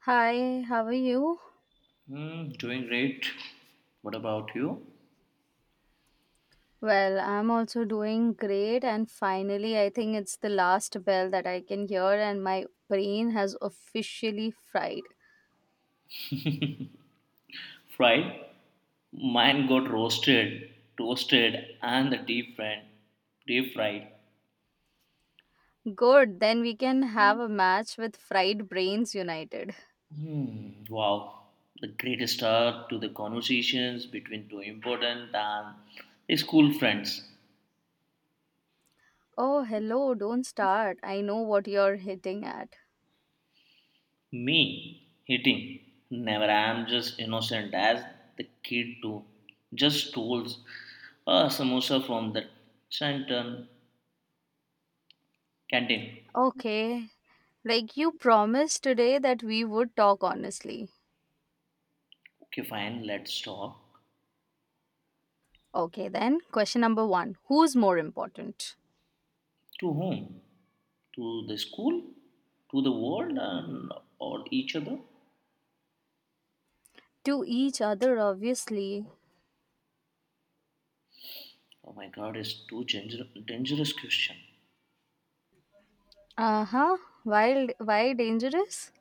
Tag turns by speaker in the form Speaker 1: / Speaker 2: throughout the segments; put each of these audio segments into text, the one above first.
Speaker 1: Hi, how are you?
Speaker 2: Doing great. What about you?
Speaker 1: Well, I'm also doing great, and finally, I think it's the last bell that I can hear, and my brain has officially fried.
Speaker 2: Fried? Mine got roasted, toasted, and the deep fried. Deep fried.
Speaker 1: Good, then we can have a match with Fried Brains United.
Speaker 2: Hmm, wow. The greatest start to the conversations between two important and school friends.
Speaker 1: Oh, hello, don't start. I know what you're hitting at.
Speaker 2: Me, hitting. Never I am just innocent as the kid too. Just stole a samosa from the canton canteen.
Speaker 1: Okay, like you promised today that we would talk honestly.
Speaker 2: Okay, fine, let's stop.
Speaker 1: Okay, then, question number one. Who's more important?
Speaker 2: To whom? To the school? To the world or each other?
Speaker 1: To each other, obviously.
Speaker 2: Oh my god, it's too dangerous question.
Speaker 1: Uh-huh. Wild, why dangerous?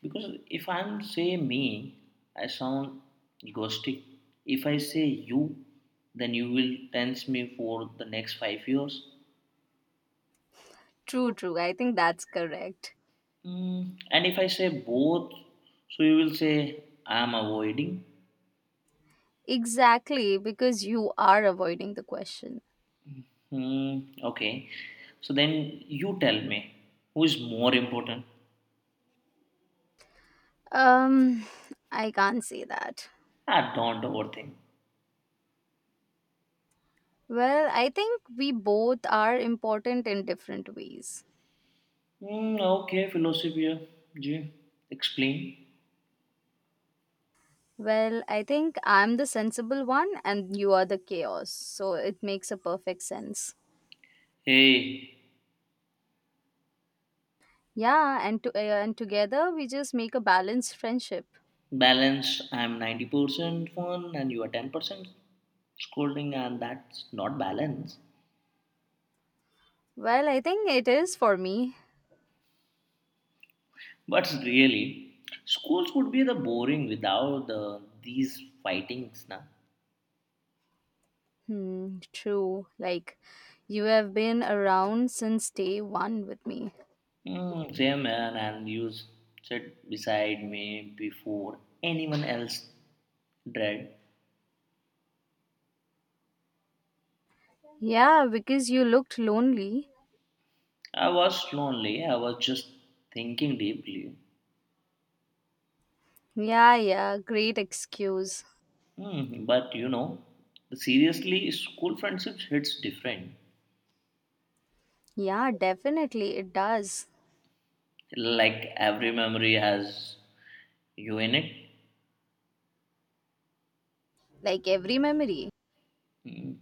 Speaker 2: Because if I'm say me, I sound egoistic. If I say you, then you will tense me for the next 5 years.
Speaker 1: True, true. I think that's correct.
Speaker 2: And if I say both, so you will say I am avoiding.
Speaker 1: Exactly, because you are avoiding the question.
Speaker 2: Hmm, okay. So then you tell me who is more important.
Speaker 1: Um I can't say that.
Speaker 2: I don't overthink.
Speaker 1: Well, I think we both are important in different ways.
Speaker 2: Hmm, okay, philosophy, yeah. Ji, explain.
Speaker 1: Well, I think I'm the sensible one and you are the chaos. So it makes a perfect sense.
Speaker 2: Hey,
Speaker 1: Yeah, and and together we just make a balanced friendship.
Speaker 2: balance. I'm 90% fun and you are 10% scolding, and that's not balance.
Speaker 1: Well, I think it is for me.
Speaker 2: But really, schools would be the boring without these fightings. Na?
Speaker 1: Hmm, true. Like, you have been around since day one with me.
Speaker 2: Same man, and you sit beside me before anyone else dread.
Speaker 1: Yeah, because you looked lonely.
Speaker 2: I was lonely, I was just thinking deeply.
Speaker 1: Yeah, yeah, great excuse.
Speaker 2: But seriously, school friendships hits different.
Speaker 1: Yeah, definitely, it does.
Speaker 2: Like every memory has you in it.
Speaker 1: Like every memory.
Speaker 2: Hmm.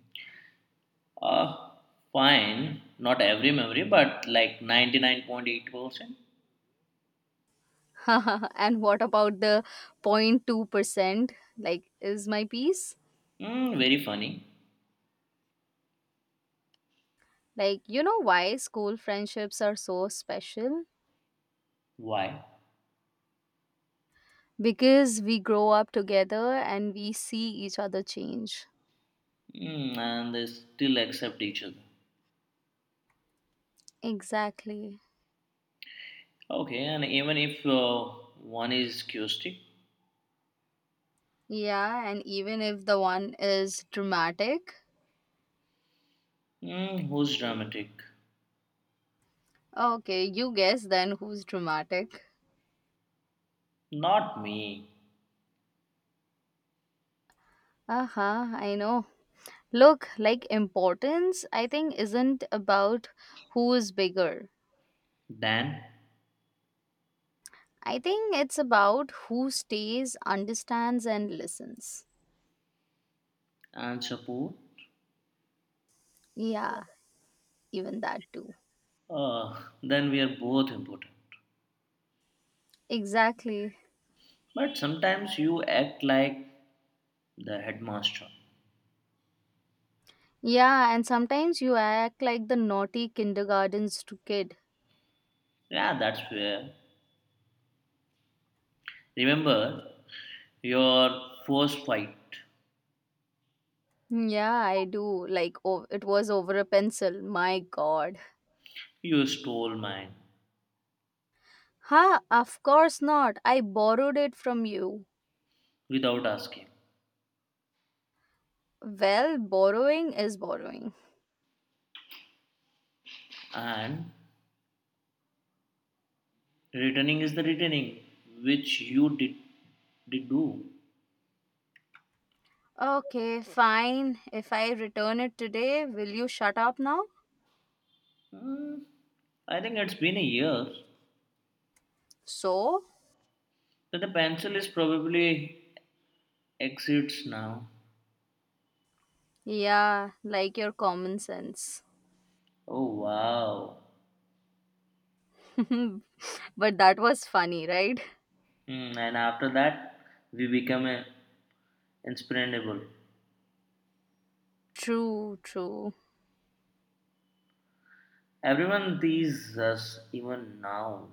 Speaker 2: Uh, Fine, not every memory, but like 99.8%.
Speaker 1: And what about the 0.2%? Like, is my piece?
Speaker 2: Very funny.
Speaker 1: Like, you know why school friendships are so special?
Speaker 2: Why?
Speaker 1: Because we grow up together and we see each other change.
Speaker 2: And they still accept each other.
Speaker 1: Exactly.
Speaker 2: Okay, and even if one is chaotic,
Speaker 1: Yeah, and even if the one is dramatic.
Speaker 2: who's dramatic?
Speaker 1: Okay, you guess then who's dramatic.
Speaker 2: Not me.
Speaker 1: Uh huh, I know. Look, like importance, I think, isn't about who is bigger.
Speaker 2: Dan
Speaker 1: I think it's about who stays, understands, and listens.
Speaker 2: and Chapoor.
Speaker 1: Yeah, even that too.
Speaker 2: Then we are both important.
Speaker 1: Exactly.
Speaker 2: But sometimes you act like the headmaster.
Speaker 1: Yeah, and sometimes you act like the naughty kindergarten kid.
Speaker 2: Yeah, that's where. Remember your first fight.
Speaker 1: Mm, yeah, I do. Like, oh, it was over a pencil. My god.
Speaker 2: You stole mine
Speaker 1: Ha, of course not. I borrowed it from you.
Speaker 2: without asking.
Speaker 1: Well, borrowing is borrowing.
Speaker 2: And returning is the returning, which you did do.
Speaker 1: Okay, fine. If I return it today, will you shut up now?
Speaker 2: Hmm, I think it's been a year.
Speaker 1: So?
Speaker 2: But the pencil is probably exits now.
Speaker 1: Yeah, like your common sense.
Speaker 2: Oh wow.
Speaker 1: But that was funny, right?
Speaker 2: And after that, we become inspirable.
Speaker 1: True, true.
Speaker 2: Everyone teases us even now.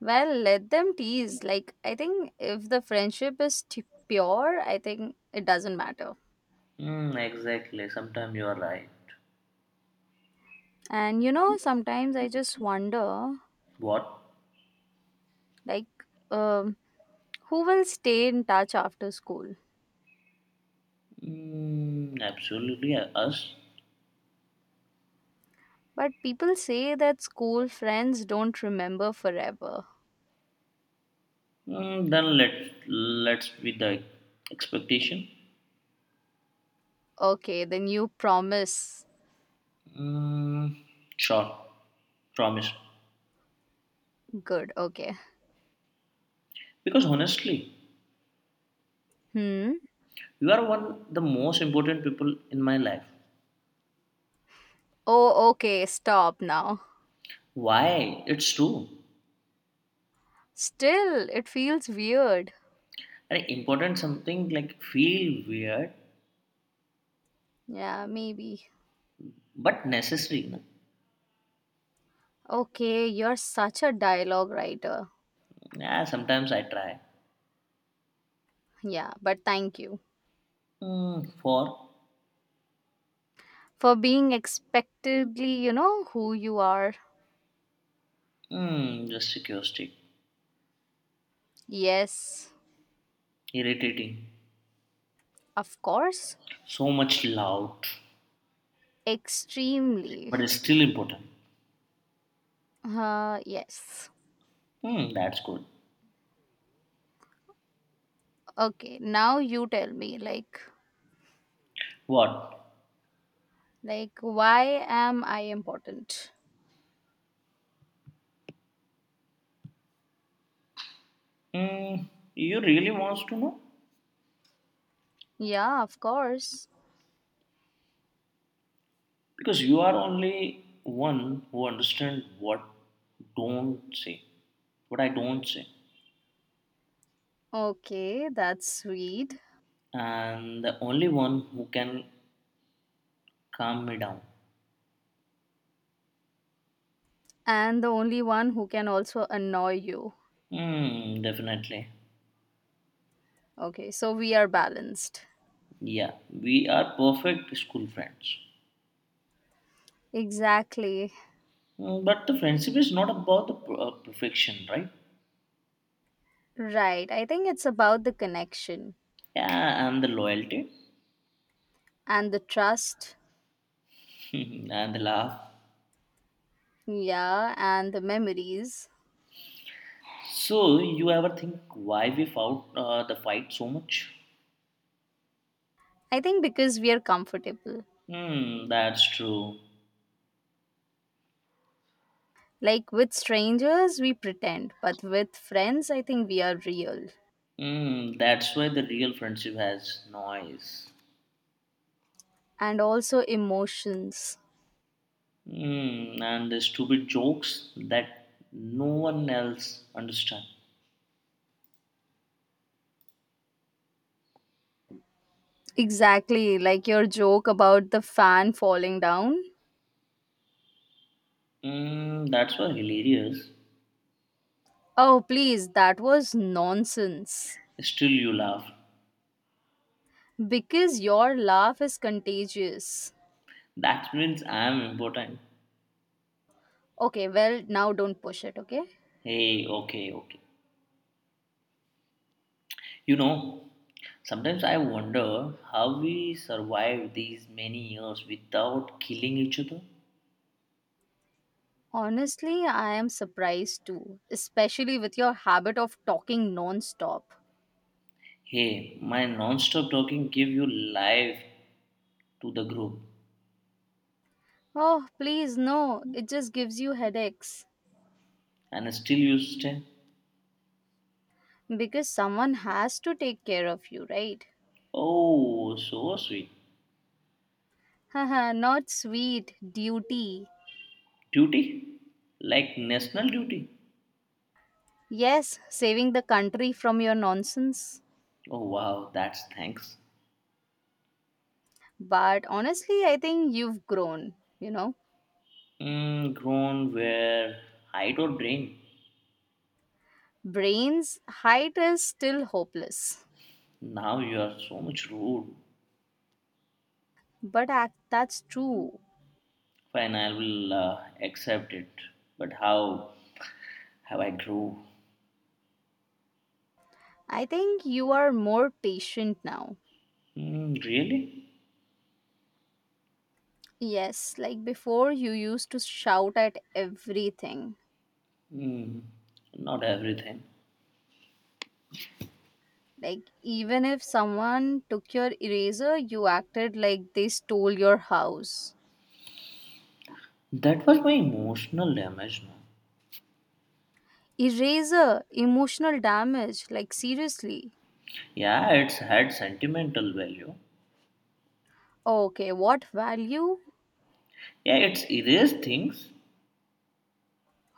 Speaker 1: Well, let them tease. Like, I think if the friendship is pure, I think it doesn't matter.
Speaker 2: Mm, exactly. Sometimes you are right.
Speaker 1: And you know, sometimes I just wonder,
Speaker 2: What?
Speaker 1: like, um who will stay in touch after school.
Speaker 2: Mm, absolutely. Us.
Speaker 1: But people say that school friends don't remember forever.
Speaker 2: Then let's be the expectation.
Speaker 1: Okay, then you promise.
Speaker 2: Mm, sure. Promise.
Speaker 1: Good, okay.
Speaker 2: Because honestly,
Speaker 1: Hmm?
Speaker 2: you are one the most important people in my life.
Speaker 1: Oh, okay, stop now.
Speaker 2: Why? It's true.
Speaker 1: Still, it feels weird.
Speaker 2: And important something like feel weird
Speaker 1: Yeah, maybe.
Speaker 2: but necessary. No?
Speaker 1: Okay, you're such a dialogue writer.
Speaker 2: Yeah, sometimes I try.
Speaker 1: Yeah, but thank you
Speaker 2: For
Speaker 1: for being expectedly, who you are.
Speaker 2: just a curiosity.
Speaker 1: Yes,
Speaker 2: Irritating.
Speaker 1: of course.
Speaker 2: So much loud,
Speaker 1: Extremely.
Speaker 2: but it's still important.
Speaker 1: Yes.
Speaker 2: That's good.
Speaker 1: Okay, now you tell me like
Speaker 2: What?
Speaker 1: like why am I important?
Speaker 2: Hmm, you really wants to know?
Speaker 1: Yeah, of course.
Speaker 2: Because you are only one who understand don't say, what I don't say,
Speaker 1: Okay, that's sweet.
Speaker 2: and the only one who can calm me down.
Speaker 1: And the only one who can also annoy you.
Speaker 2: Hmm, definitely.
Speaker 1: Okay, so we are balanced.
Speaker 2: Yeah, we are perfect school friends.
Speaker 1: Exactly.
Speaker 2: But the friendship is not about the perfection, right?
Speaker 1: Right. I think it's about the connection
Speaker 2: Yeah, and the loyalty,
Speaker 1: and the trust.
Speaker 2: and the love,
Speaker 1: Yeah, and the memories.
Speaker 2: so, you ever think why we fought the fight so much?
Speaker 1: I think because we are comfortable.
Speaker 2: That's true.
Speaker 1: Like with strangers, we pretend, but with friends, I think we are real.
Speaker 2: That's why the real friendship has noise.
Speaker 1: And also emotions.
Speaker 2: And the stupid jokes that no one else understands.
Speaker 1: Exactly, like your joke about the fan falling down.
Speaker 2: That's why hilarious.
Speaker 1: Oh, please, that was nonsense.
Speaker 2: Still, you laugh.
Speaker 1: Because your laugh is contagious.
Speaker 2: That means I am important.
Speaker 1: Okay, well, now don't push it, okay?
Speaker 2: Hey, okay, okay. You know, Sometimes I wonder how we survived these many years without killing each other.
Speaker 1: Honestly, I am surprised too, especially with your habit of talking non-stop.
Speaker 2: Hey, my non-stop talking give you life to the group,
Speaker 1: Oh, please, no, it just gives you headaches.
Speaker 2: and still you stay.
Speaker 1: Because someone has to take care of you, right?
Speaker 2: Oh, so sweet.
Speaker 1: Haha, not sweet, duty.
Speaker 2: Duty, like national duty.
Speaker 1: Yes, saving the country from your nonsense.
Speaker 2: Oh wow, that's thanks.
Speaker 1: But honestly, I think you've grown, you know.
Speaker 2: Grown where hide or drain.
Speaker 1: Brains height is still hopeless.
Speaker 2: Now you are so much rude.
Speaker 1: But that's true.
Speaker 2: Fine, I will accept it. But how have I grew?
Speaker 1: I think you are more patient now.
Speaker 2: Mm, really?
Speaker 1: Yes, like before you used to shout at everything.
Speaker 2: Mm, not everything.
Speaker 1: Like even if someone took your eraser, you acted like they stole your house.
Speaker 2: That was my emotional damage. No?
Speaker 1: Eraser, emotional damage, like seriously?
Speaker 2: Yeah, it's had sentimental value.
Speaker 1: Okay, what value?
Speaker 2: Yeah, it's erased things.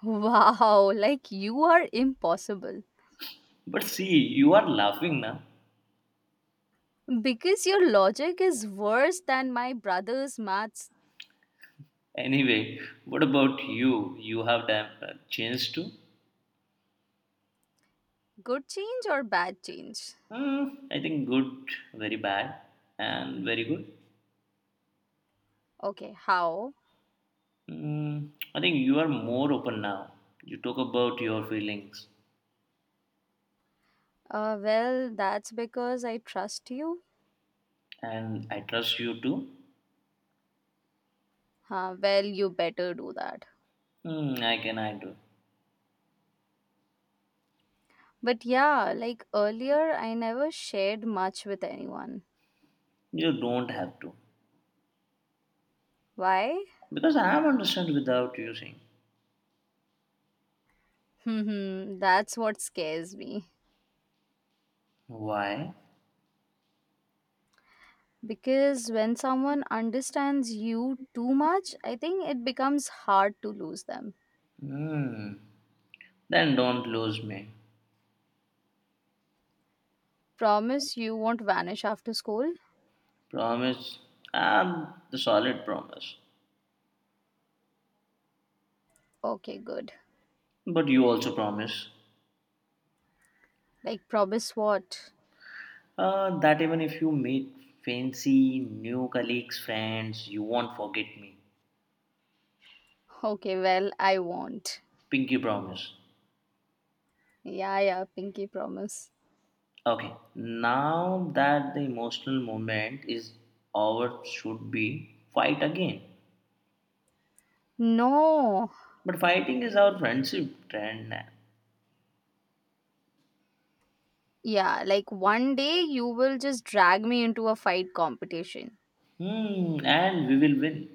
Speaker 1: Wow, like you are impossible.
Speaker 2: But see, you are laughing now.
Speaker 1: Because your logic is worse than my brother's maths.
Speaker 2: Anyway, what about you? You have done changed too?
Speaker 1: Good change or bad change?
Speaker 2: Hmm, I think good, very bad, and very good.
Speaker 1: Okay, how?
Speaker 2: Hmm, I think you are more open now. You talk about your feelings,
Speaker 1: Well, that's because I trust you.
Speaker 2: and I trust you too.
Speaker 1: Huh, well, you better do that.
Speaker 2: I can, I do.
Speaker 1: But yeah, like earlier, I never shared much with anyone.
Speaker 2: You don't have to,
Speaker 1: Why?
Speaker 2: because I am understand without you saying
Speaker 1: Hmm, hmm, that's what scares me.
Speaker 2: why.
Speaker 1: Because when someone understands you too much, I think it becomes hard to lose them.
Speaker 2: Hmm, then don't lose me.
Speaker 1: Promise you won't vanish after school?
Speaker 2: Promise. I'm the solid promise.
Speaker 1: Okay, good.
Speaker 2: But you also promise
Speaker 1: Like, promise what?
Speaker 2: that even if you meet fancy new colleagues, friends, you won't forget me.
Speaker 1: Okay, well, I won't.
Speaker 2: Pinky promise.
Speaker 1: Yeah, yeah, pinky promise.
Speaker 2: Okay, now that the emotional moment is over, should be fight again.
Speaker 1: No.
Speaker 2: But fighting is our friendship trend.
Speaker 1: Yeah, like one day you will just drag me into a fight competition.
Speaker 2: And we will win.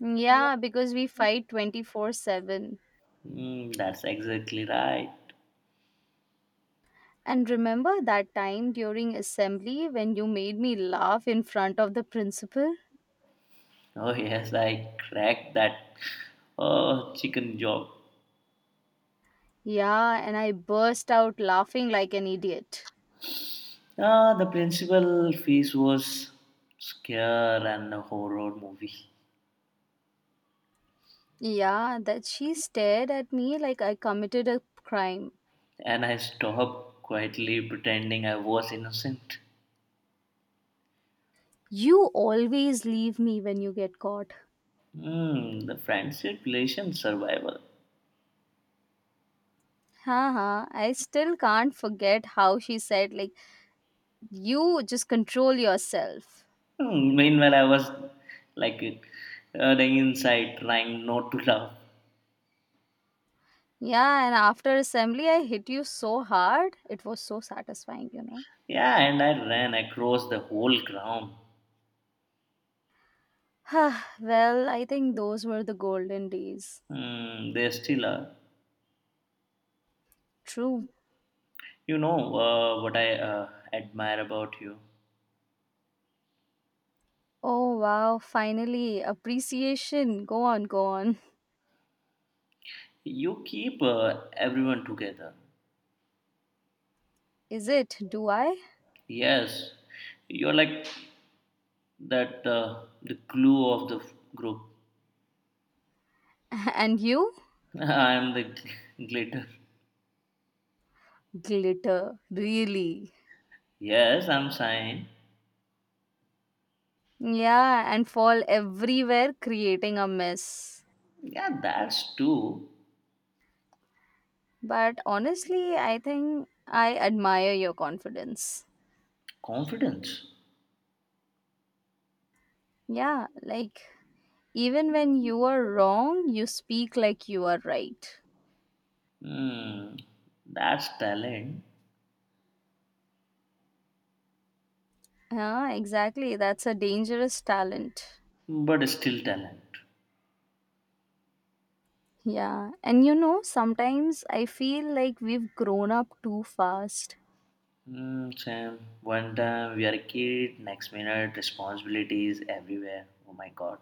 Speaker 1: Yeah, because we fight 24/7.
Speaker 2: That's exactly right.
Speaker 1: And remember that time during assembly when you made me laugh in front of the principal?
Speaker 2: Oh yes, I cracked that oh, chicken job.
Speaker 1: Yeah, and I burst out laughing like an idiot.
Speaker 2: The principal fees was scare and a horror movie,
Speaker 1: Yeah, that she stared at me like I committed a crime.
Speaker 2: and I stopped quietly pretending I was innocent.
Speaker 1: You always leave me when you get caught.
Speaker 2: The friendship relation survival.
Speaker 1: Haha, I still can't forget how she said, like, you just control yourself.
Speaker 2: Meanwhile, I was like hurting inside, trying not to laugh.
Speaker 1: Yeah, and after assembly, I hit you so hard. It was so satisfying, you know.
Speaker 2: Yeah, and I ran across the whole ground.
Speaker 1: Well, I think those were the golden days.
Speaker 2: They still are.
Speaker 1: True.
Speaker 2: You know what I admire about you?
Speaker 1: Oh, wow, finally, appreciation. Go on, go on.
Speaker 2: You keep everyone together.
Speaker 1: Is it? Do I?
Speaker 2: Yes, you're like that the glue of the group.
Speaker 1: And you?
Speaker 2: I'm the glitter.
Speaker 1: Glitter, really.
Speaker 2: Yes, I'm shine.
Speaker 1: Yeah, and fall everywhere, creating a mess.
Speaker 2: Yeah, that's too
Speaker 1: But honestly, I think I admire your confidence.
Speaker 2: confidence.
Speaker 1: Yeah, like even when you are wrong, you speak like you are right.
Speaker 2: Hmm, that's talent,
Speaker 1: Yeah, exactly. That's a dangerous talent.
Speaker 2: but still talent.
Speaker 1: Yeah, and you know, sometimes I feel like we've grown up too fast.
Speaker 2: Sam, one time we are a kid, next minute responsibilities everywhere. Oh my god.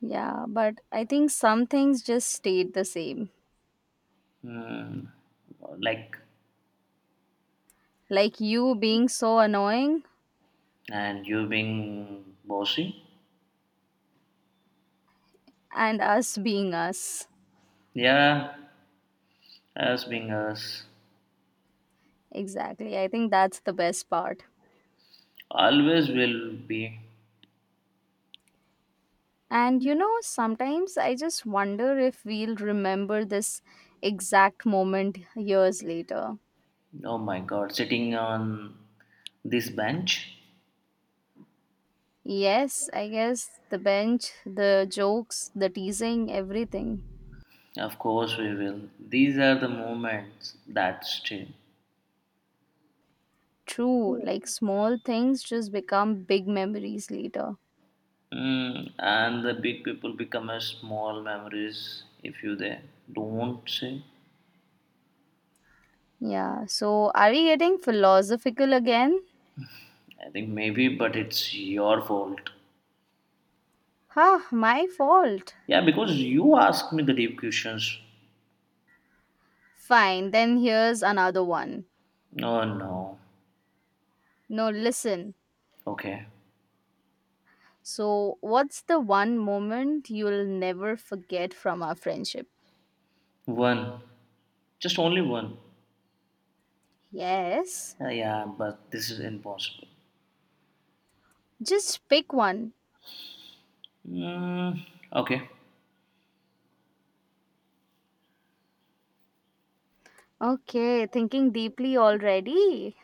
Speaker 1: Yeah, but I think some things just stayed the same.
Speaker 2: Hmm, like,
Speaker 1: Like you being so annoying
Speaker 2: and you being bossy?
Speaker 1: and us being us.
Speaker 2: Yeah, as being us,
Speaker 1: Exactly. I think that's the best part.
Speaker 2: always will be.
Speaker 1: And you know, sometimes I just wonder if we'll remember this exact moment years later.
Speaker 2: Oh my God, sitting on this bench.
Speaker 1: Yes, I guess the bench, the jokes, the teasing, everything.
Speaker 2: Of course we will. These are the moments that stay,
Speaker 1: True, like small things just become big memories later.
Speaker 2: and the big people become as small memories if you they don't say.
Speaker 1: Yeah, so are we getting philosophical again?
Speaker 2: I think maybe, but it's your fault.
Speaker 1: Huh, my fault.
Speaker 2: Yeah, because you asked me the deep questions.
Speaker 1: Fine, then here's another one.
Speaker 2: Oh no.
Speaker 1: No, listen.
Speaker 2: Okay,
Speaker 1: So, what's the one moment you'll never forget from our friendship?
Speaker 2: one, just only one.
Speaker 1: Yes,
Speaker 2: Yeah, but this is impossible.
Speaker 1: just pick one.
Speaker 2: Mm, okay.
Speaker 1: Okay, thinking deeply already.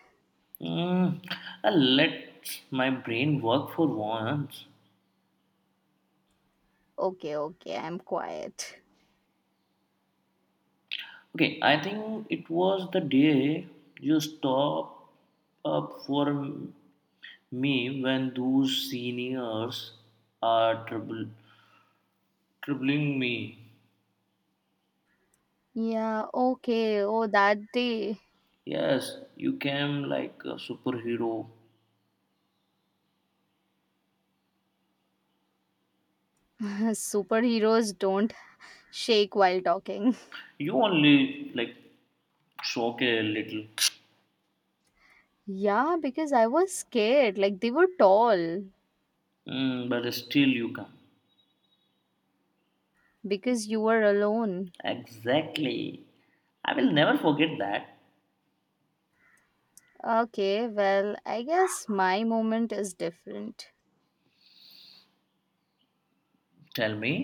Speaker 2: Mm, let my brain work for once.
Speaker 1: Okay, okay, I'm quiet.
Speaker 2: Okay, I think it was the day you stopped up for me when those seniors are troubling me.
Speaker 1: Yeah, okay. Oh, that day.
Speaker 2: Yes, you came like a superhero.
Speaker 1: Superheroes don't shake while talking.
Speaker 2: You only like shock a little,
Speaker 1: Yeah, because I was scared. Like, they were tall
Speaker 2: But still you come.
Speaker 1: because you were alone.
Speaker 2: Exactly. I will never forget that.
Speaker 1: Okay, well, I guess my moment is different.
Speaker 2: Tell me.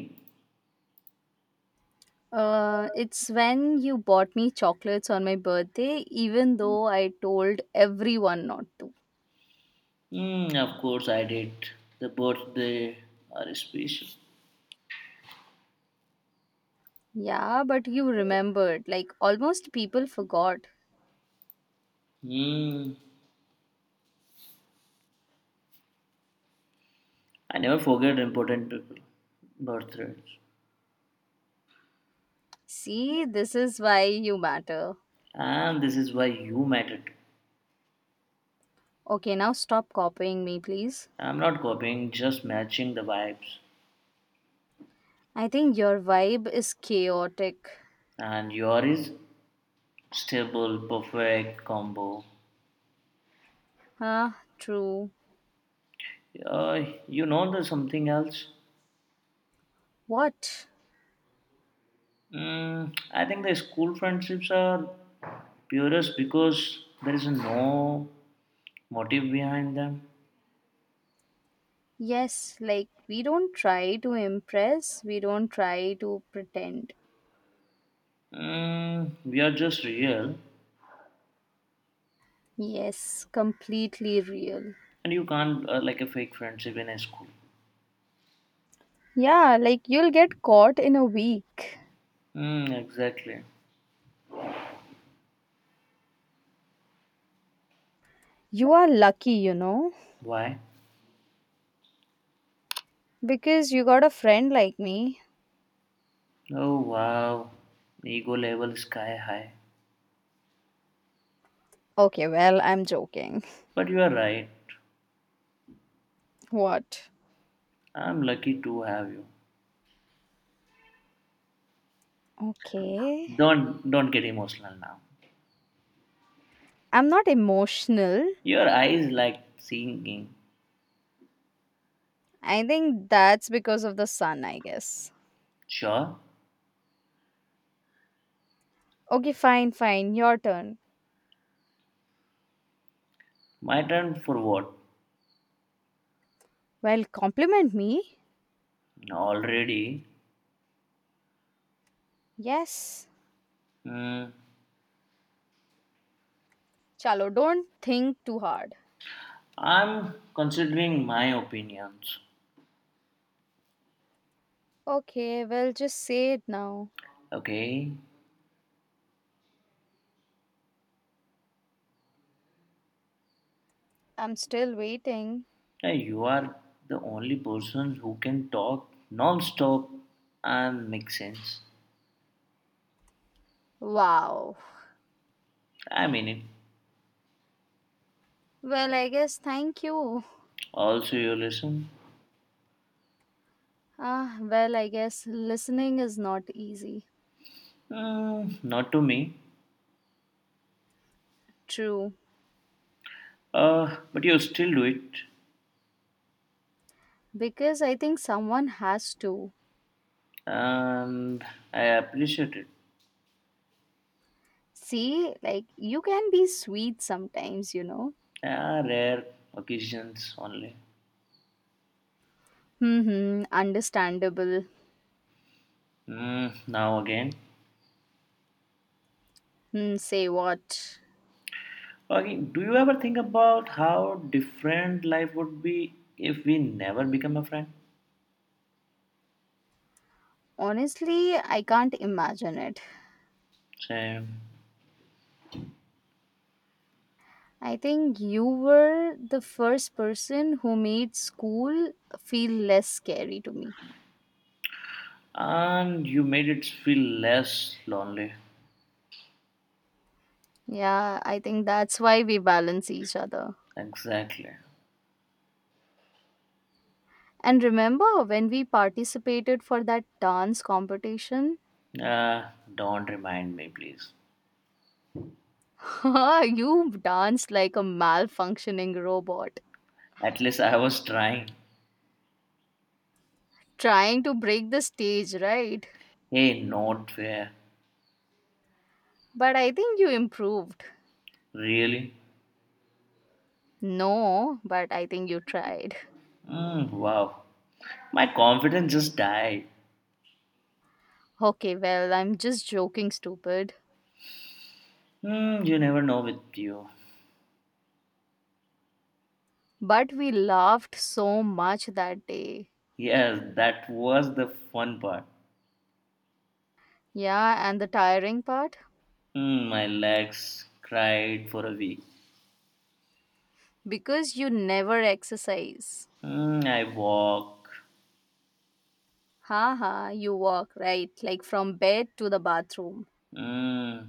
Speaker 1: It's when you bought me chocolates on my birthday, even though I told everyone not to.
Speaker 2: Mm, of course, I did. The birthday are special.
Speaker 1: Yeah, but you remembered. Like, almost people forgot.
Speaker 2: Mm, I never forget important people, birthdays.
Speaker 1: See, this is why you matter.
Speaker 2: And this is why you matter too.
Speaker 1: Okay, now stop copying me, please.
Speaker 2: I'm not copying, just matching the vibes.
Speaker 1: I think your vibe is chaotic.
Speaker 2: And your is stable, perfect combo.
Speaker 1: Huh? True.
Speaker 2: Uh, you know there's something else?
Speaker 1: What?
Speaker 2: I think the school friendships are purest because there is no motive behind them.
Speaker 1: Yes, like, we don't try to impress, we don't try to pretend.
Speaker 2: We are just real.
Speaker 1: Yes, completely real.
Speaker 2: And you can't like a fake friendship in a school.
Speaker 1: Yeah, like you'll get caught in a week.
Speaker 2: Mm, exactly.
Speaker 1: You are lucky, you know,
Speaker 2: Why?
Speaker 1: because you got a friend like me.
Speaker 2: Oh wow. Ego level sky high.
Speaker 1: Okay, well, I'm joking.
Speaker 2: But you are right.
Speaker 1: What?
Speaker 2: I'm lucky to have you.
Speaker 1: Okay.
Speaker 2: Don't get emotional now.
Speaker 1: I'm not emotional.
Speaker 2: Your eyes like singing.
Speaker 1: I think that's because of the sun, I guess.
Speaker 2: Sure.
Speaker 1: Okay, fine, fine. Your turn.
Speaker 2: My turn for what?
Speaker 1: Well, compliment me.
Speaker 2: Already.
Speaker 1: Yes.
Speaker 2: Mm,
Speaker 1: Chalo, don't think too hard.
Speaker 2: I'm considering my opinions.
Speaker 1: Okay, well, just say it now.
Speaker 2: Okay.
Speaker 1: I'm still waiting.
Speaker 2: Hey, you are the only person who can talk non-stop and make sense.
Speaker 1: Wow.
Speaker 2: I mean it.
Speaker 1: Well, I guess thank you.
Speaker 2: Also, you listen.
Speaker 1: Ah, well, I guess listening is not easy.
Speaker 2: Mm, not to me,
Speaker 1: True.
Speaker 2: but you still do it,
Speaker 1: Because I think someone has to.
Speaker 2: and I appreciate it.
Speaker 1: See, like, you can be sweet sometimes, you know?
Speaker 2: Rare occasions only.
Speaker 1: Hmm, understandable.
Speaker 2: Mm, now again.
Speaker 1: Hmm, say what?
Speaker 2: Okay, do you ever think about how different life would be if we never become a friend?
Speaker 1: Honestly, I can't imagine it.
Speaker 2: Same.
Speaker 1: I think you were the first person who made school feel less scary to me.
Speaker 2: And you made it feel less lonely.
Speaker 1: Yeah, I think that's why we balance each other.
Speaker 2: Exactly.
Speaker 1: And remember when we participated for that dance competition?
Speaker 2: Don't remind me, please.
Speaker 1: You danced like a malfunctioning robot,
Speaker 2: At least I was trying.
Speaker 1: trying to break the stage, right?
Speaker 2: Hey, not fair.
Speaker 1: But I think you improved.
Speaker 2: Really?
Speaker 1: No, but I think you tried.
Speaker 2: Mm, wow. My confidence just died.
Speaker 1: Okay, well, I'm just joking, stupid.
Speaker 2: You never know with you.
Speaker 1: But we laughed so much that day.
Speaker 2: Yes, that was the fun part.
Speaker 1: Yeah, and the tiring part?
Speaker 2: My legs cried for a week.
Speaker 1: Because you never exercise.
Speaker 2: Hmm, I walk.
Speaker 1: Haha, you walk, right? Like from bed to the bathroom.
Speaker 2: Hmm,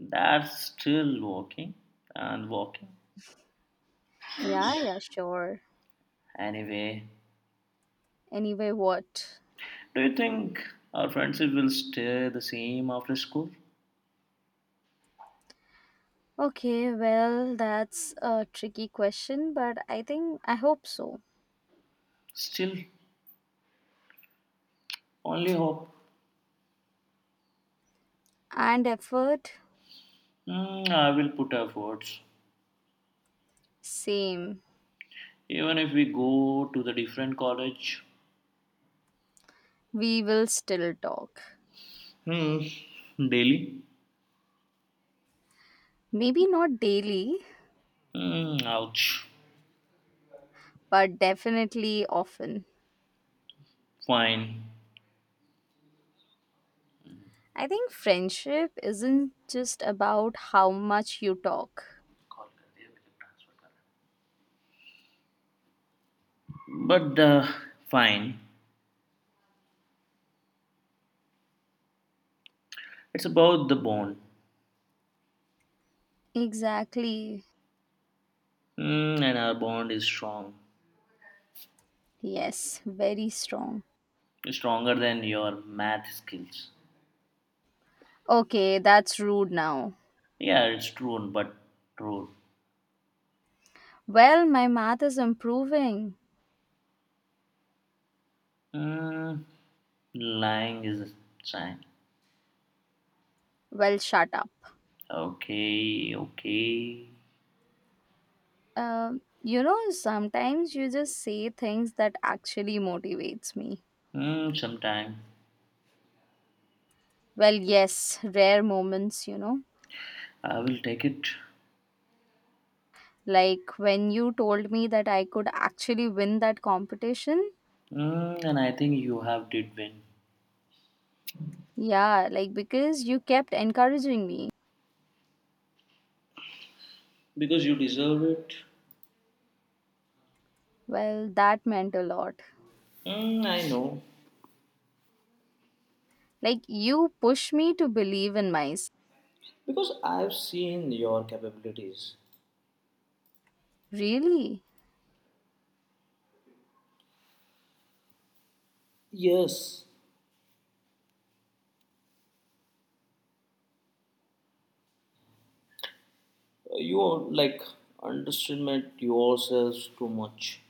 Speaker 2: that's still walking and walking.
Speaker 1: Yeah, yeah, sure.
Speaker 2: Anyway,
Speaker 1: Anyway, what?
Speaker 2: do you think our friendship will stay the same after school?
Speaker 1: Okay, well, that's a tricky question, but I think I hope so.
Speaker 2: Still, only hope.
Speaker 1: And effort,
Speaker 2: I will put efforts.
Speaker 1: same.
Speaker 2: Even if we go to the different college.
Speaker 1: We will still talk.
Speaker 2: Hmm. Daily,
Speaker 1: Maybe not daily,
Speaker 2: mm, ouch,
Speaker 1: but definitely often.
Speaker 2: fine.
Speaker 1: I think friendship isn't just about how much you talk.
Speaker 2: But the fine, it's about the bond,
Speaker 1: Exactly.
Speaker 2: and our bond is strong,
Speaker 1: Yes, very strong.
Speaker 2: stronger than your math skills.
Speaker 1: Okay, that's rude now.
Speaker 2: Yeah, it's true, but true.
Speaker 1: Well, my math is improving.
Speaker 2: Mm, Lying is a sign.
Speaker 1: Well, shut up.
Speaker 2: Okay, okay.
Speaker 1: Sometimes you just say things that actually motivates me.
Speaker 2: Mm, sometime
Speaker 1: Well, yes, rare moments, you know.
Speaker 2: I will take it,
Speaker 1: Like when you told me that I could actually win that competition.
Speaker 2: and I think you have did win.
Speaker 1: Yeah, like because you kept encouraging me.
Speaker 2: Because you deserve it.
Speaker 1: Well, that meant a lot.
Speaker 2: Mm, I know.
Speaker 1: Like you push me to believe in myself.
Speaker 2: Because I've seen your capabilities.
Speaker 1: Really?
Speaker 2: Yes, you like underestimate yourselves too much.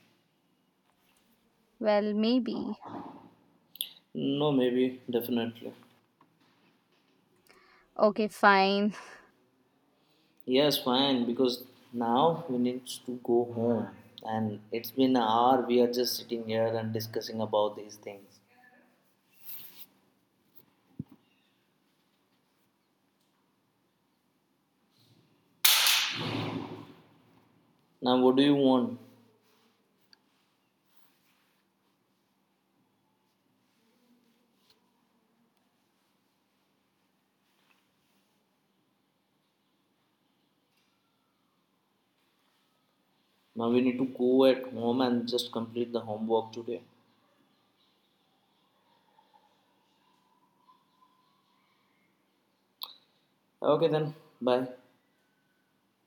Speaker 1: Well, maybe.
Speaker 2: No, maybe, definitely.
Speaker 1: Okay, fine.
Speaker 2: Yes, fine, because now we need to go home. And it's been an hour, we are just sitting here and discussing about these things. Now, what do you want? Now, we need to go at home and just complete the homework today. Okay, then, bye.